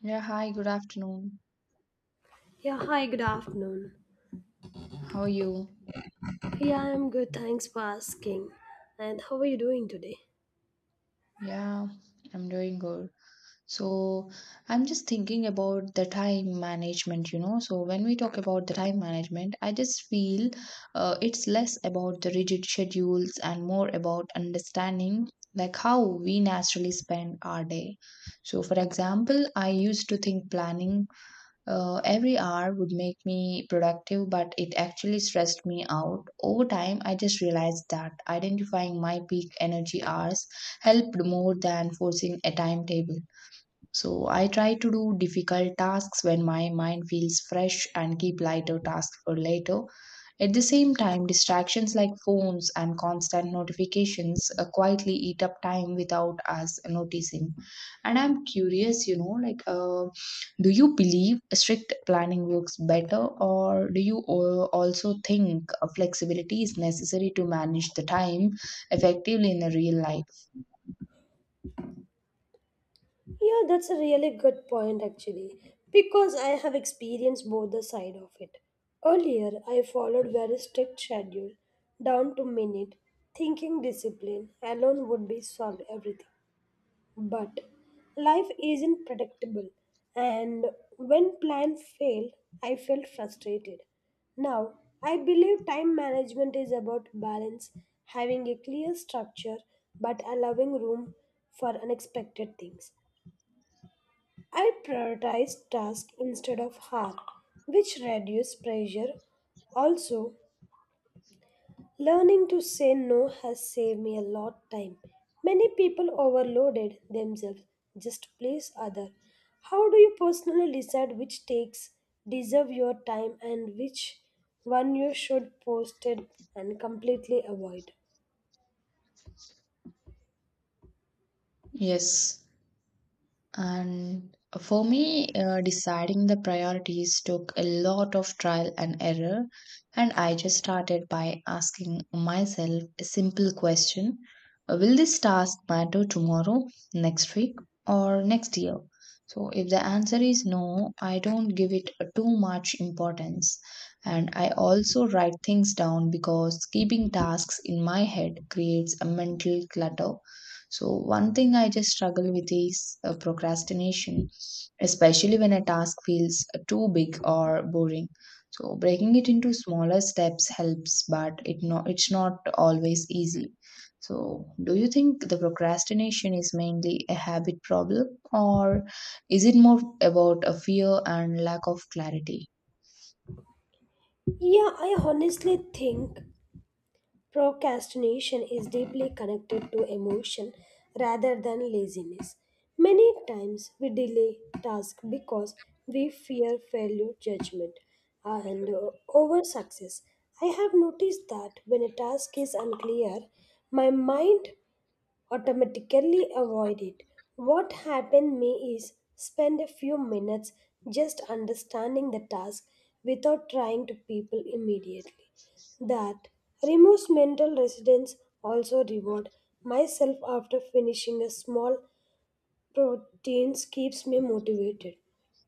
Yeah, hi, good afternoon. Yeah, hi, good afternoon. How are you? Yeah, I'm good, thanks for asking. And how are you doing today? Yeah, I'm doing good. So, I'm just thinking about the time management, you know. So, when we talk about the time management, I just feel it's less about the rigid schedules and more about understanding like how we naturally spend our day. So, for example, I used to think planning every hour would make me productive, but it actually stressed me out. Over time, I just realized that identifying my peak energy hours helped more than forcing a timetable. So I try to do difficult tasks when my mind feels fresh and keep lighter tasks for later. At the same time, distractions like phones and constant notifications quietly eat up time without us noticing. And I'm curious, you know, like, do you believe strict planning works better, or do you also think flexibility is necessary to manage the time effectively in the real life? Yeah, that's a really good point actually, because I have experienced both the side of it. Earlier, I followed very strict schedule, down to minute, thinking discipline alone would be solve everything. But life isn't predictable, and when plans failed, I felt frustrated. Now, I believe time management is about balance, having a clear structure but allowing room for unexpected things. I prioritize tasks instead of harm, which reduce pressure. Also, learning to say no has saved me a lot time. Many people overloaded themselves just to please other. How do you personally decide which takes deserve your time and which one you should post it and completely avoid? Yes. And for me, deciding the priorities took a lot of trial and error. And I just started by asking myself a simple question. Will this task matter tomorrow, next week, or next year? So, if the answer is no, I don't give it too much importance. And I also write things down because keeping tasks in my head creates a mental clutter. So, one thing I just struggle with is procrastination, especially when a task feels too big or boring. So, breaking it into smaller steps helps, but it's not always easy. So, do you think the procrastination is mainly a habit problem, or is it more about a fear and lack of clarity? Yeah, I honestly think procrastination is deeply connected to emotion rather than laziness. Many times we delay tasks because we fear failure, judgment, and over success. I have noticed that when a task is unclear, my mind automatically avoid it. What happened me is spend a few minutes just understanding the task without trying to people immediately. That removes mental residence also reward myself after finishing a small proteins keeps me motivated.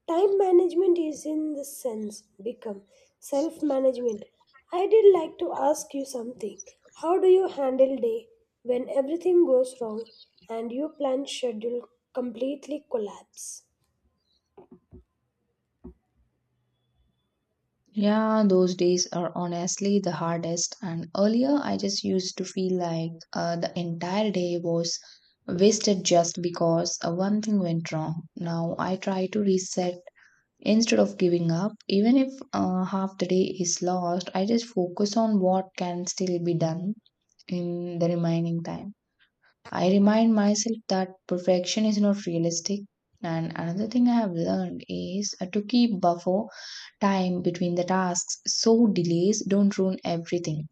Time management is in the sense become self management. I did like to ask you something. How do you handle day when everything goes wrong and your planned schedule completely collapse? Yeah, those days are honestly the hardest. And earlier, I just used to feel like the entire day was wasted just because one thing went wrong. Now I try to reset instead of giving up. Even if half the day is lost, I just focus on what can still be done in the remaining time. I remind myself that perfection is not realistic. And another thing I have learned is to keep buffer time between the tasks so delays don't ruin everything.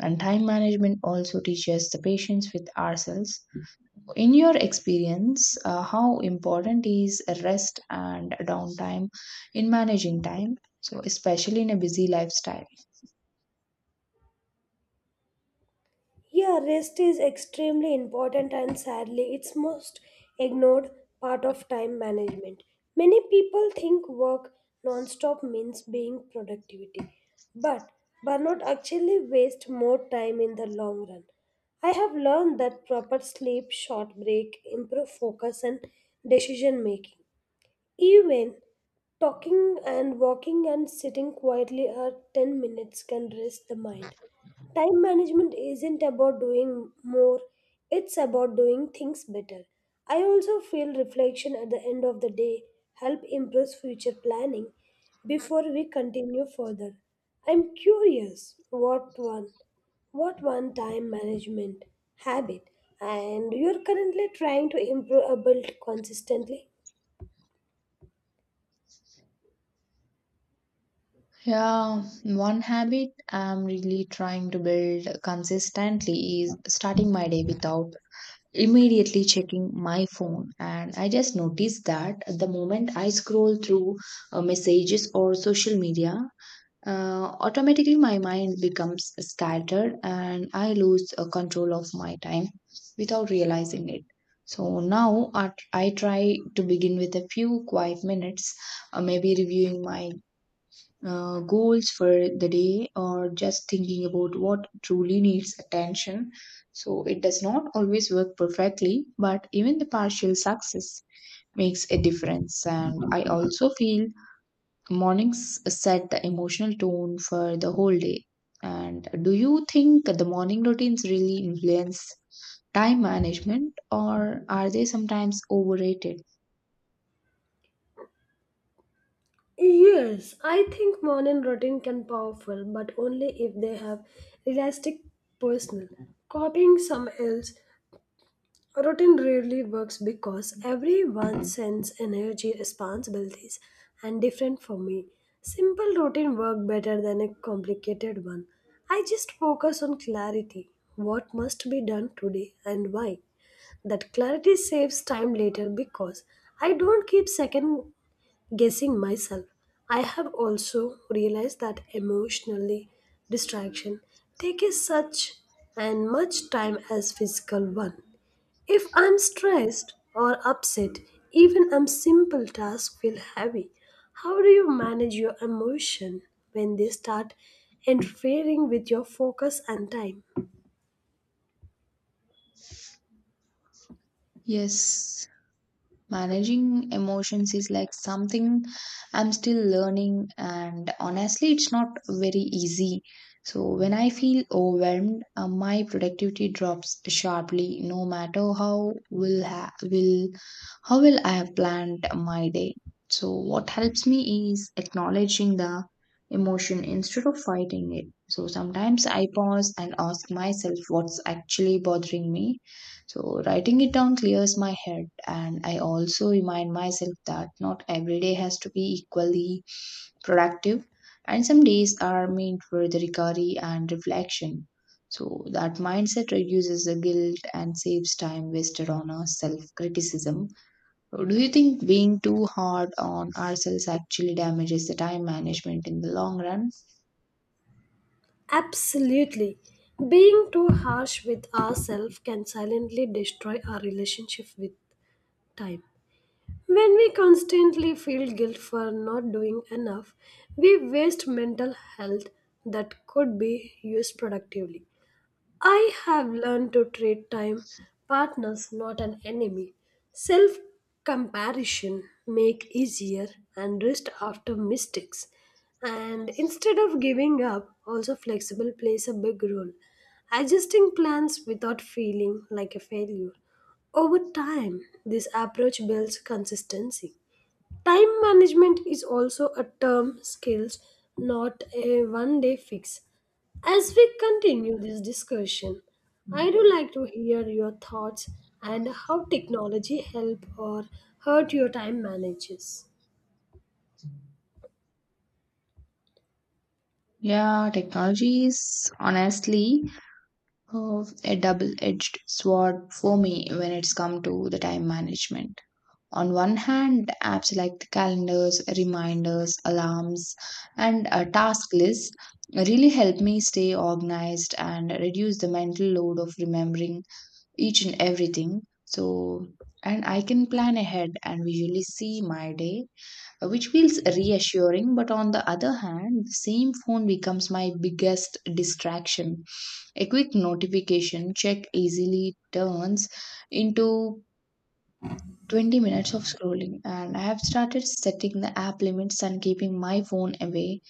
And time management also teaches the patience with ourselves. In your experience, how important is rest and downtime in managing time? So, especially in a busy lifestyle. Yeah, rest is extremely important and sadly it's most ignored part of time management. Many people think work non-stop means being productivity, but burnout actually waste more time in the long run. I have learned that proper sleep, short break, improve focus and decision making. Even talking and walking and sitting quietly are 10 minutes can rest the mind. Time management isn't about doing more, it's about doing things better. I also feel reflection at the end of the day help improve future planning before we continue further. I'm curious what one time management habit and you're currently trying to improve or build consistently? Yeah, one habit I'm really trying to build consistently is starting my day without immediately checking my phone. And I just noticed that the moment I scroll through messages or social media, automatically my mind becomes scattered and I lose control of my time without realizing it. So now I try to begin with a few quiet minutes, maybe reviewing my goals for the day or just thinking about what truly needs attention. So it does not always work perfectly, but even the partial success makes a difference. And I also feel mornings set the emotional tone for the whole day. And do you think the morning routines really influence time management or are they sometimes overrated? Yes, I think morning routine can powerful, but only if they have realistic personal. Copying some else routine rarely works because everyone sends energy responsibilities and different for me. Simple routine work better than a complicated one. I just focus on clarity. What must be done today and why? That clarity saves time later because I don't keep second guessing myself. I have also realized that emotionally distraction takes such and much time as physical one. If I'm stressed or upset, even a simple task feel heavy. How do you manage your emotion when they start interfering with your focus and time? Yes. Managing emotions is like something I'm still learning, and honestly, it's not very easy. So, when I feel overwhelmed, my productivity drops sharply, no matter how will I have planned my day. So, what helps me is acknowledging the emotion instead of fighting it. So, sometimes I pause and ask myself what's actually bothering me. So writing it down clears my head and I also remind myself that not every day has to be equally productive and some days are meant for the recovery and reflection. So that mindset reduces the guilt and saves time wasted on our self-criticism. So, do you think being too hard on ourselves actually damages the time management in the long run? Absolutely. Being too harsh with ourselves can silently destroy our relationship with time. When we constantly feel guilt for not doing enough, we waste mental health that could be used productively. I have learned to treat time partners not an enemy. Self comparison make easier and rest after mistakes. And instead of giving up, also flexible plays a big role. Adjusting plans without feeling like a failure. Over time, this approach builds consistency. Time management is also a term skills, not a one day fix. As we continue this discussion, I do like to hear your thoughts and how technology help or hurt your time manages. Yeah, technology is honestly, oh, a double-edged sword for me when it's come to the time management. On one hand, apps like the calendars, reminders, alarms, and task lists really help me stay organized and reduce the mental load of remembering each and everything. So, and I can plan ahead and visually see my day, which feels reassuring. But on the other hand, the same phone becomes my biggest distraction. A quick notification check easily turns into 20 minutes of scrolling, and I have started setting the app limits and keeping my phone away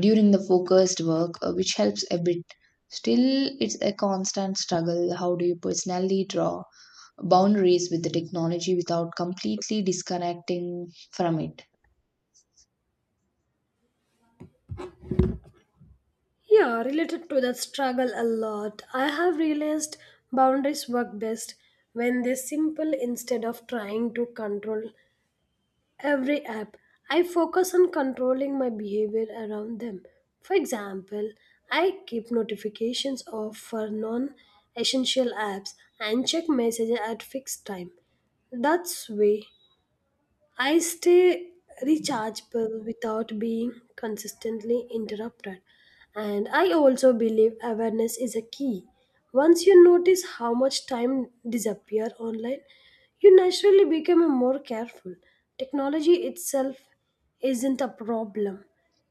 during the focused work, which helps a bit. Still, it's a constant struggle. How do you personally draw boundaries with the technology without completely disconnecting from it? Yeah, related to that struggle a lot. I have realized boundaries work best when they're simple instead of trying to control every app, I focus on controlling my behavior around them. For example, I keep notifications off for non essential apps and check messages at fixed time. That's way I stay rechargeable without being consistently interrupted. And I also believe awareness is a key. Once you notice how much time disappear online, you naturally become more careful. Technology itself isn't a problem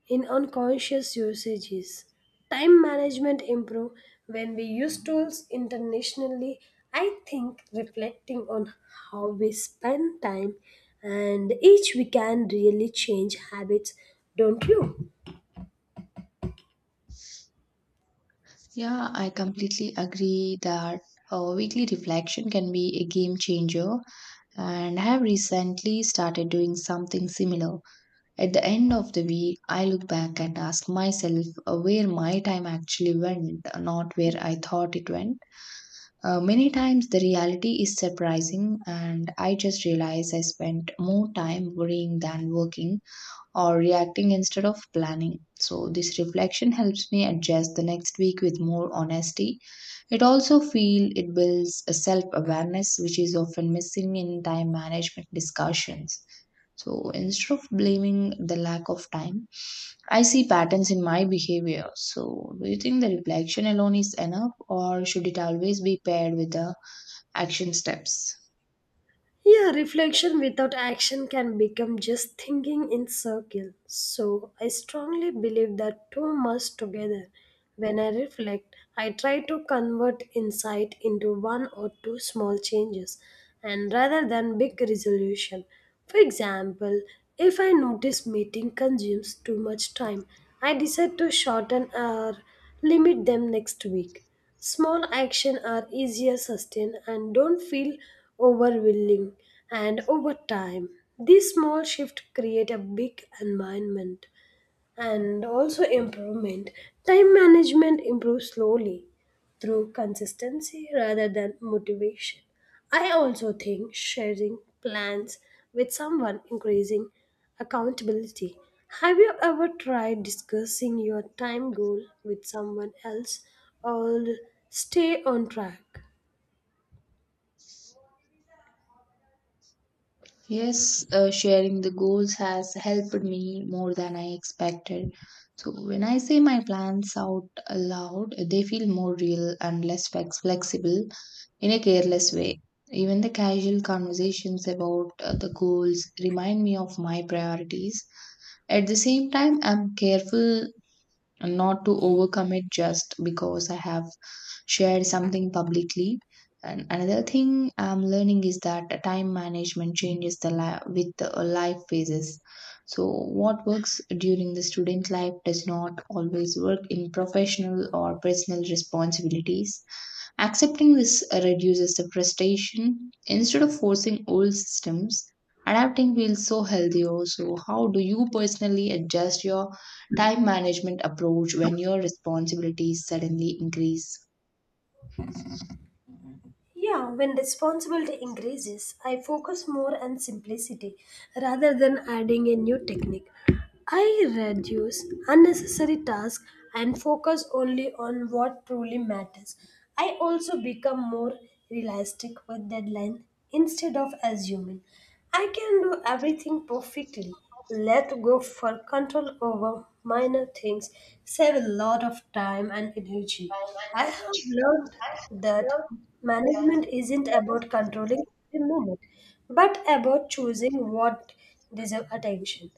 in unconscious usages. Time management improve when we use tools internationally. I think reflecting on how we spend time and each we can really change habits, don't you? Yeah, I completely agree that weekly reflection can be a game changer and have recently started doing something similar. At the end of the week, I look back and ask myself where my time actually went, not where I thought it went. Many times the reality is surprising, and I just realize I spent more time worrying than working or reacting instead of planning. So, this reflection helps me adjust the next week with more honesty. It also feel it builds a self awareness which is often missing in time management discussions. So instead of blaming the lack of time, I see patterns in my behavior. So do you think the reflection alone is enough or should it always be paired with the action steps? Yeah, reflection without action can become just thinking in circle. So I strongly believe that two must together. When I reflect, I try to convert insight into one or two small changes and rather than big resolution. For example, if I notice meeting consumes too much time, I decide to shorten or limit them next week. Small actions are easier sustained and don't feel overwhelming and over time. These small shifts create a big environment and also improvement time management improves slowly through consistency rather than motivation. I also think sharing plans with someone increasing accountability. Have you ever tried discussing your time goal with someone else or stay on track? Yes, sharing the goals has helped me more than I expected. So when I say my plans out aloud, they feel more real and less flexible in a careless way. Even the casual conversations about the goals remind me of my priorities. At the same time, I'm careful and not to overcome it just because I have shared something publicly. And another thing I'm learning is that time management changes the with the life phases. So what works during the student life does not always work in professional or personal responsibilities. Accepting this reduces the frustration. Instead of forcing old systems, adapting feels so healthy also. How do you personally adjust your time management approach when your responsibilities suddenly increase? Yeah, when responsibility increases, I focus more on simplicity rather than adding a new technique. I reduce unnecessary tasks and focus only on what truly matters. I also become more realistic with deadline instead of assuming I can do everything perfectly. Let go for control over minor things, save a lot of time and energy. I have learned that management isn't about controlling every minute, but about choosing what deserves attention.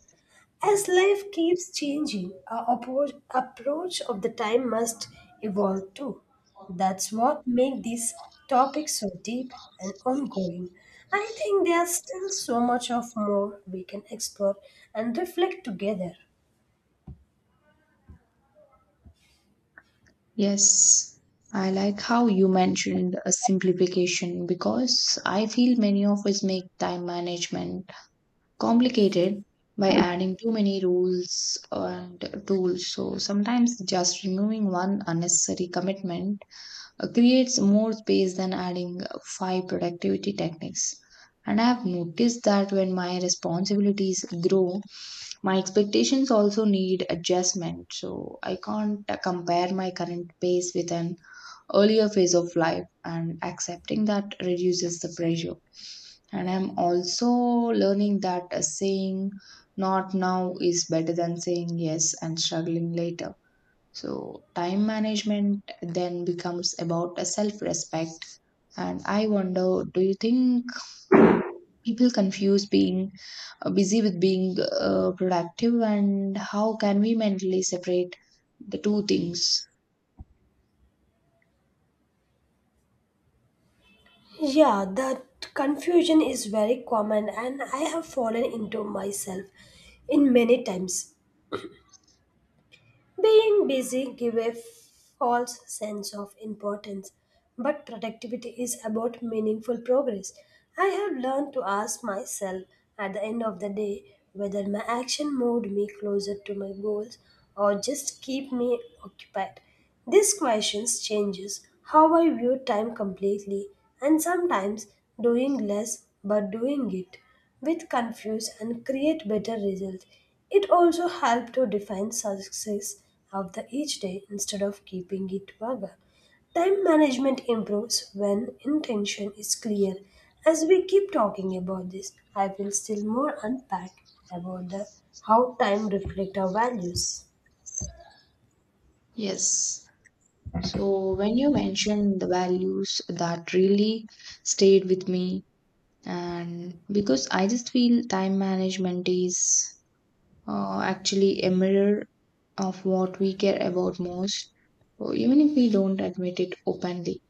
As life keeps changing, our approach of the time must evolve too. That's what makes these topics so deep and ongoing. I think there's still so much of more we can explore and reflect together. Yes, I like how you mentioned a simplification because I feel many of us make time management complicated by adding too many rules and tools. So sometimes just removing one unnecessary commitment creates more space than adding five productivity techniques. And I have noticed that when my responsibilities grow, my expectations also need adjustment. So I can't compare my current pace with an earlier phase of life and accepting that reduces the pressure. And I'm also learning that saying not now is better than saying yes and struggling later. So time management then becomes about a self respect. And I wonder, do you think people confuse being busy with being productive, and how can we mentally separate the two things? Yeah, that confusion is very common and I have fallen into myself in many times. Being busy give a false sense of importance, but productivity is about meaningful progress. I have learned to ask myself at the end of the day whether my action moved me closer to my goals or just keep me occupied. These questions changes how I view time completely and sometimes doing less but doing it with confuse and create better results. It also helps to define success of the each day instead of keeping it vague. Time management improves when intention is clear. As we keep talking about this, I will still more unpack about the how time reflect our values. Yes. So, when you mentioned the values that really stayed with me, and because I just feel time management is actually a mirror of what we care about most, or even if we don't admit it openly.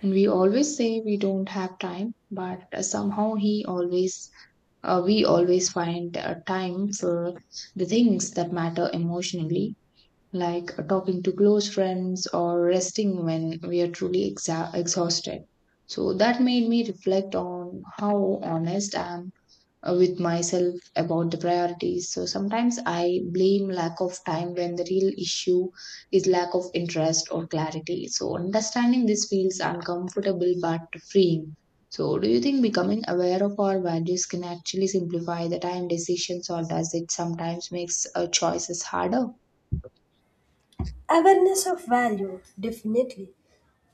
And we always say we don't have time, but somehow he always, we always find time for the things that matter emotionally like talking to close friends or resting when we are truly exhausted. So that made me reflect on how honest I am with myself about the priorities. So sometimes I blame lack of time when the real issue is lack of interest or clarity. So understanding this feels uncomfortable but freeing. So, do you think becoming aware of our values can actually simplify the time decisions, or does it sometimes makes choices harder? Awareness of value definitely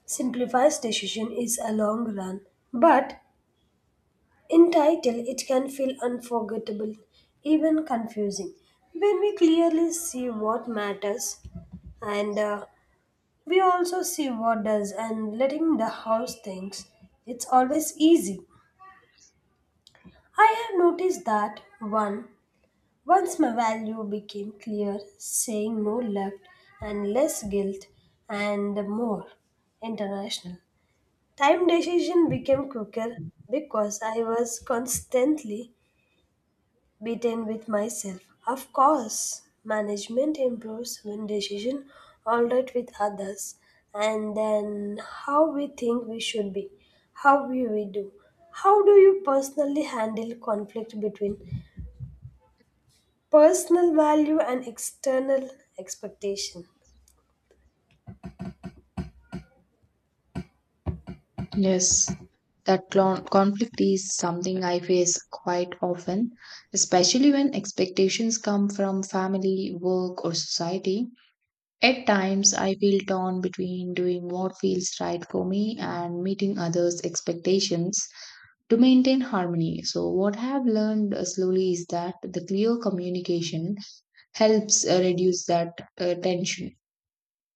simplifies decision is a long run, but in title, it can feel unforgettable, even confusing, when we clearly see what matters and we also see what does and letting the house thinks it's always easy. I have noticed that one once my value became clear, saying no left and less guilt and more international. Time decision became quicker because I was constantly beaten with myself. Of course, management improves when decision alright with others, and then how we think we should be, how we do. How do you personally handle conflict between personal value and external expectation? Yes, that conflict is something I face quite often, especially when expectations come from family, work, or society. At times, I feel torn between doing what feels right for me and meeting others' expectations to maintain harmony. So, what I have learned slowly is that the clear communication helps reduce that tension.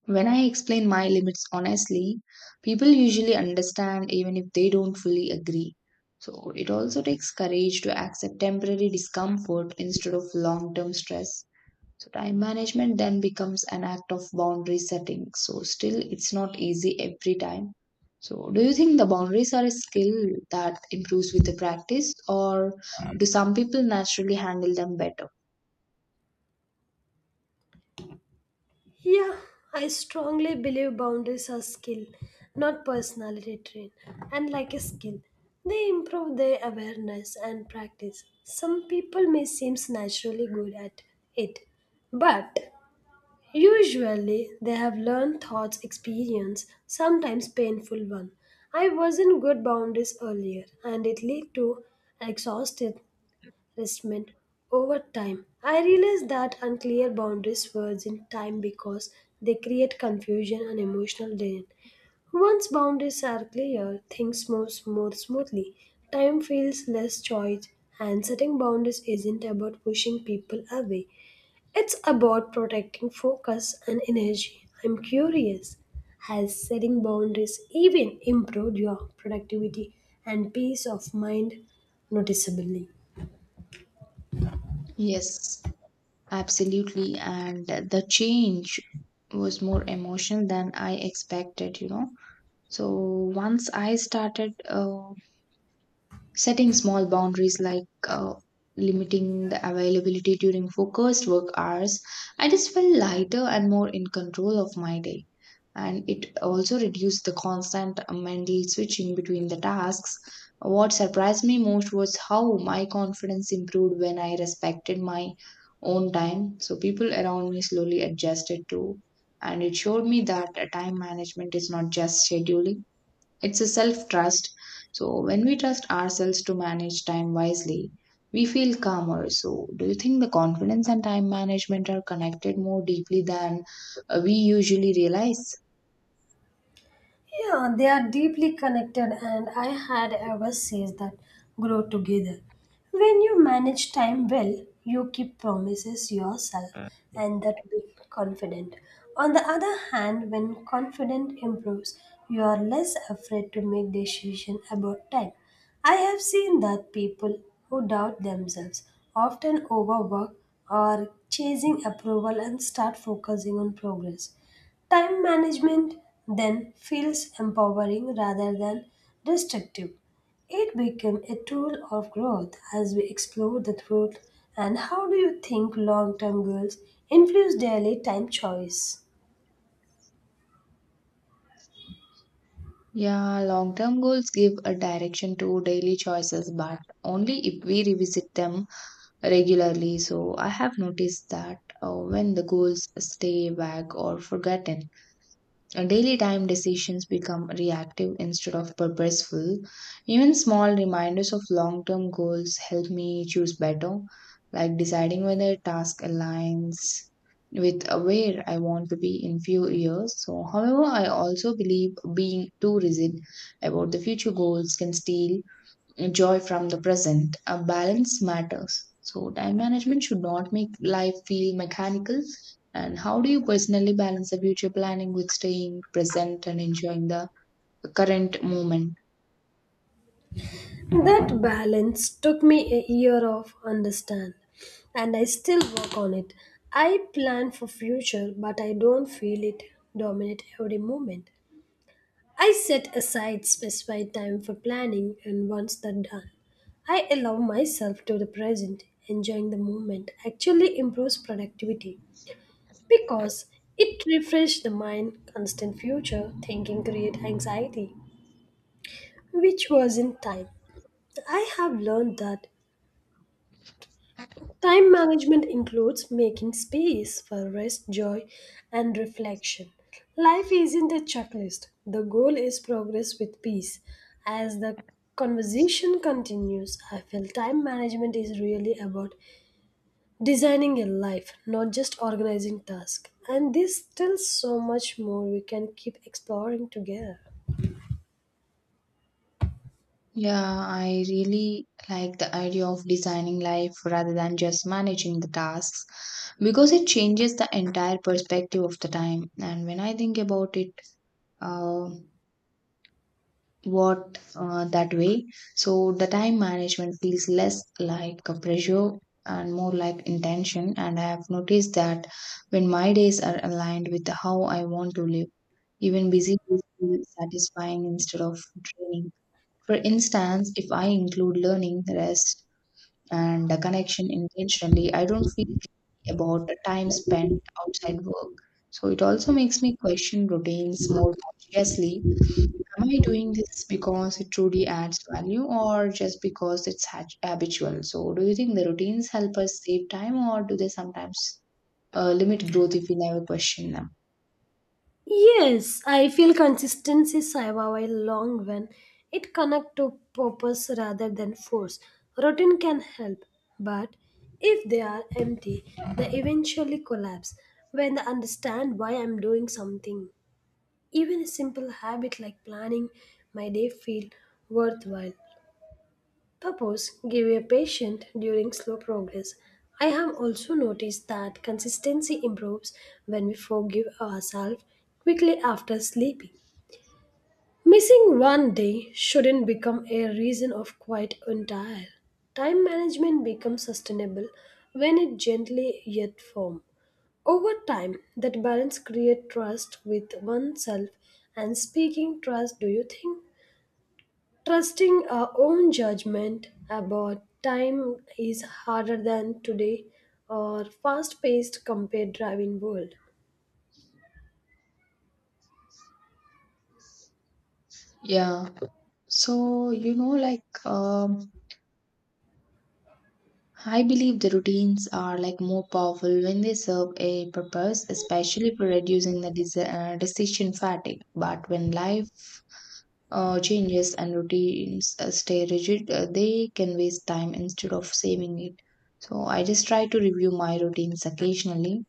When I explain my limits honestly, people usually understand even if they don't fully agree. So it also takes courage to accept temporary discomfort instead of long term stress. So time management then becomes an act of boundary setting. So still, it's not easy every time. So, do you think the boundaries are a skill that improves with the practice, or do some people naturally handle them better? Yeah, I strongly believe boundaries are skill, not personality trait. And like a skill, they improve their awareness and practice. Some people may seem naturally good at it, but usually they have learned thoughts, experience, sometimes painful one. I wasn't good boundaries earlier, and it led to exhausted restment over time. I realized that unclear boundaries words in time because they create confusion and emotional drain. Once boundaries are clear, things move more smoothly. Time feels less choice, and setting boundaries isn't about pushing people away. It's about protecting focus and energy. I'm curious. Has setting boundaries even improved your productivity and peace of mind noticeably? Yes. Absolutely. And the change was more emotional than I expected, you know. So once I started setting small boundaries like limiting the availability during focused work hours, I just felt lighter and more in control of my day. And it also reduced the constant mental switching between the tasks. What surprised me most was how my confidence improved when I respected my own time. So people around me slowly adjusted too. And it showed me that time management is not just scheduling, it's a self trust. So, when we trust ourselves to manage time wisely, we feel calmer. So, do you think the confidence and time management are connected more deeply than we usually realize? Yeah, they are deeply connected, and I had ever says that grow together. When you manage time well, you keep promises yourself and that be confident. On the other hand, when confidence improves, you are less afraid to make decisions about time. I have seen that people who doubt themselves often overwork or chasing approval and start focusing on progress. Time management then feels empowering rather than restrictive. It became a tool of growth as we explore the truth and how do you think long-term goals influence daily time choice. Yeah, long term goals give a direction to daily choices, but only if we revisit them regularly. So, I have noticed that when the goals stay vague or forgotten, our daily time decisions become reactive instead of purposeful. Even small reminders of long term goals help me choose better, like deciding whether a task aligns with where I want to be in few years. So, however, I also believe being too rigid about the future goals can steal joy from the present. A balance matters. So, time management should not make life feel mechanical. And how do you personally balance the future planning with staying present and enjoying the current moment? That balance took me a year of understand and I still work on it. I plan for future but I don't feel it dominate every moment. I set aside specified time for planning, and once that's done, I allow myself to the present. Enjoying the moment actually improves productivity because it refreshes the mind. Constant future thinking creates anxiety, which wasn't time. I have learned that time management includes making space for rest, joy, and reflection. Life isn't a checklist. The goal is progress with peace. As the conversation continues, I feel time management is really about designing a life, not just organizing tasks. And there's still so much more we can keep exploring together. Yeah, I really like the idea of designing life rather than just managing the tasks because it changes the entire perspective of the time. And when I think about it, uh, what that way. So the time management feels less like a pressure and more like intention. And I have noticed that when my days are aligned with how I want to live, even busy days feel satisfying instead of draining. For instance, if I include learning, rest, and a connection intentionally, I don't feel guilty about the time spent outside work. So it also makes me question routines more consciously. Am I doing this because it truly adds value or just because it's habitual? So, do you think the routines help us save time or do they sometimes limit growth if we never question them? Yes, I feel consistency Saiba while long when it connect to purpose rather than force. Routine can help, but if they are empty, they eventually collapse when I understand why I'm doing something. Even a simple habit like planning my day feel worthwhile. Purpose give a patient during slow progress. I have also noticed that consistency improves when we forgive ourselves quickly after sleeping. Missing one day shouldn't become a reason of quite entire. Time management becomes sustainable when it gently yet firm. Over time, that balance create trust with oneself and speaking trust, do you think? Trusting our own judgment about time is harder than today or fast-paced compared driving world. Yeah. So, you know, like, um, I believe the routines are like more powerful when they serve a purpose, especially for reducing the decision fatigue. But when life changes and routines stay rigid, they can waste time instead of saving it. So I just try to review my routines occasionally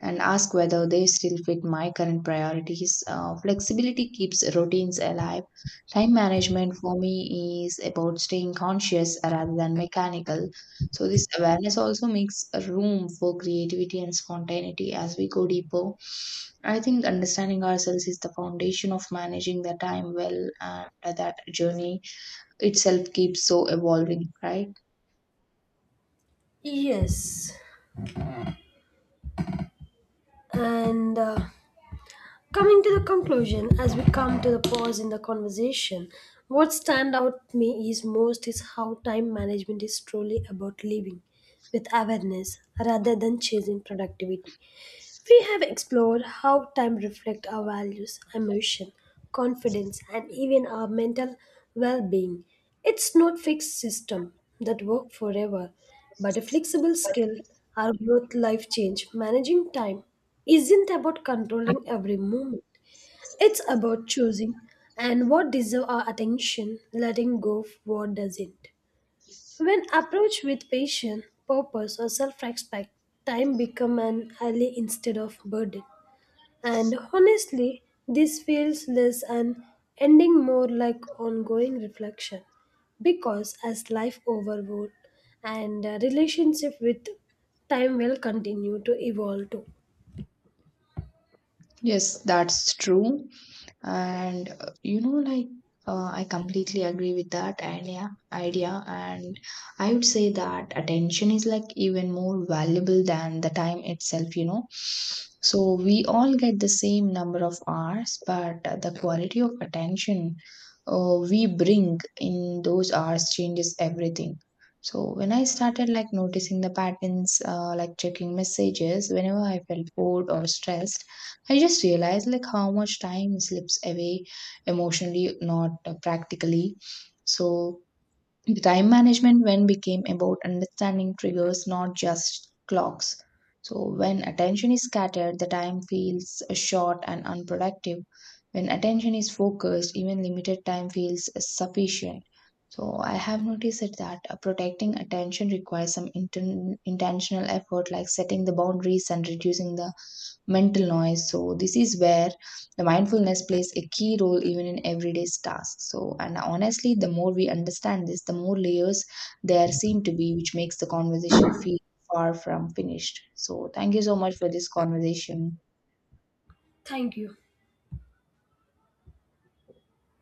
and ask whether they still fit my current priorities. Flexibility keeps routines alive. Time management for me is about staying conscious rather than mechanical. So this awareness also makes room for creativity and spontaneity as we go deeper. I think understanding ourselves is the foundation of managing the time well, and that journey itself keeps so evolving, right? Yes. And coming to the conclusion, as we come to the pause in the conversation, what stand out to me is most is how time management is truly about living with awareness rather than chasing productivity. We have explored how time reflects our values, emotion, confidence, and even our mental well-being. It's not fixed system that work forever, but a flexible skill, our growth life change, managing time isn't about controlling every moment. It's about choosing and what deserve our attention, letting go of what doesn't. When approached with patience, purpose, or self-respect, time become an ally instead of burden. And honestly, this feels less an ending more like ongoing reflection because as life overwrought and relationship with time will continue to evolve too. Yes, that's true. And you know like I completely agree with that idea and I would say that attention is like even more valuable than the time itself, you know. So we all get the same number of hours, but the quality of attention we bring in those hours changes everything. So when I started like noticing the patterns, like checking messages whenever I felt bored or stressed, I just realized like how much time slips away emotionally, not practically. So the time management when became about understanding triggers, not just clocks. So when attention is scattered, the time feels short and unproductive. When attention is focused, even limited time feels sufficient. So I have noticed it that protecting attention requires some intentional effort, like setting the boundaries and reducing the mental noise. So this is where the mindfulness plays a key role even in everyday tasks. So and honestly, the more we understand this, the more layers there seem to be, which makes the conversation feel far from finished. So thank you so much for this conversation. Thank you.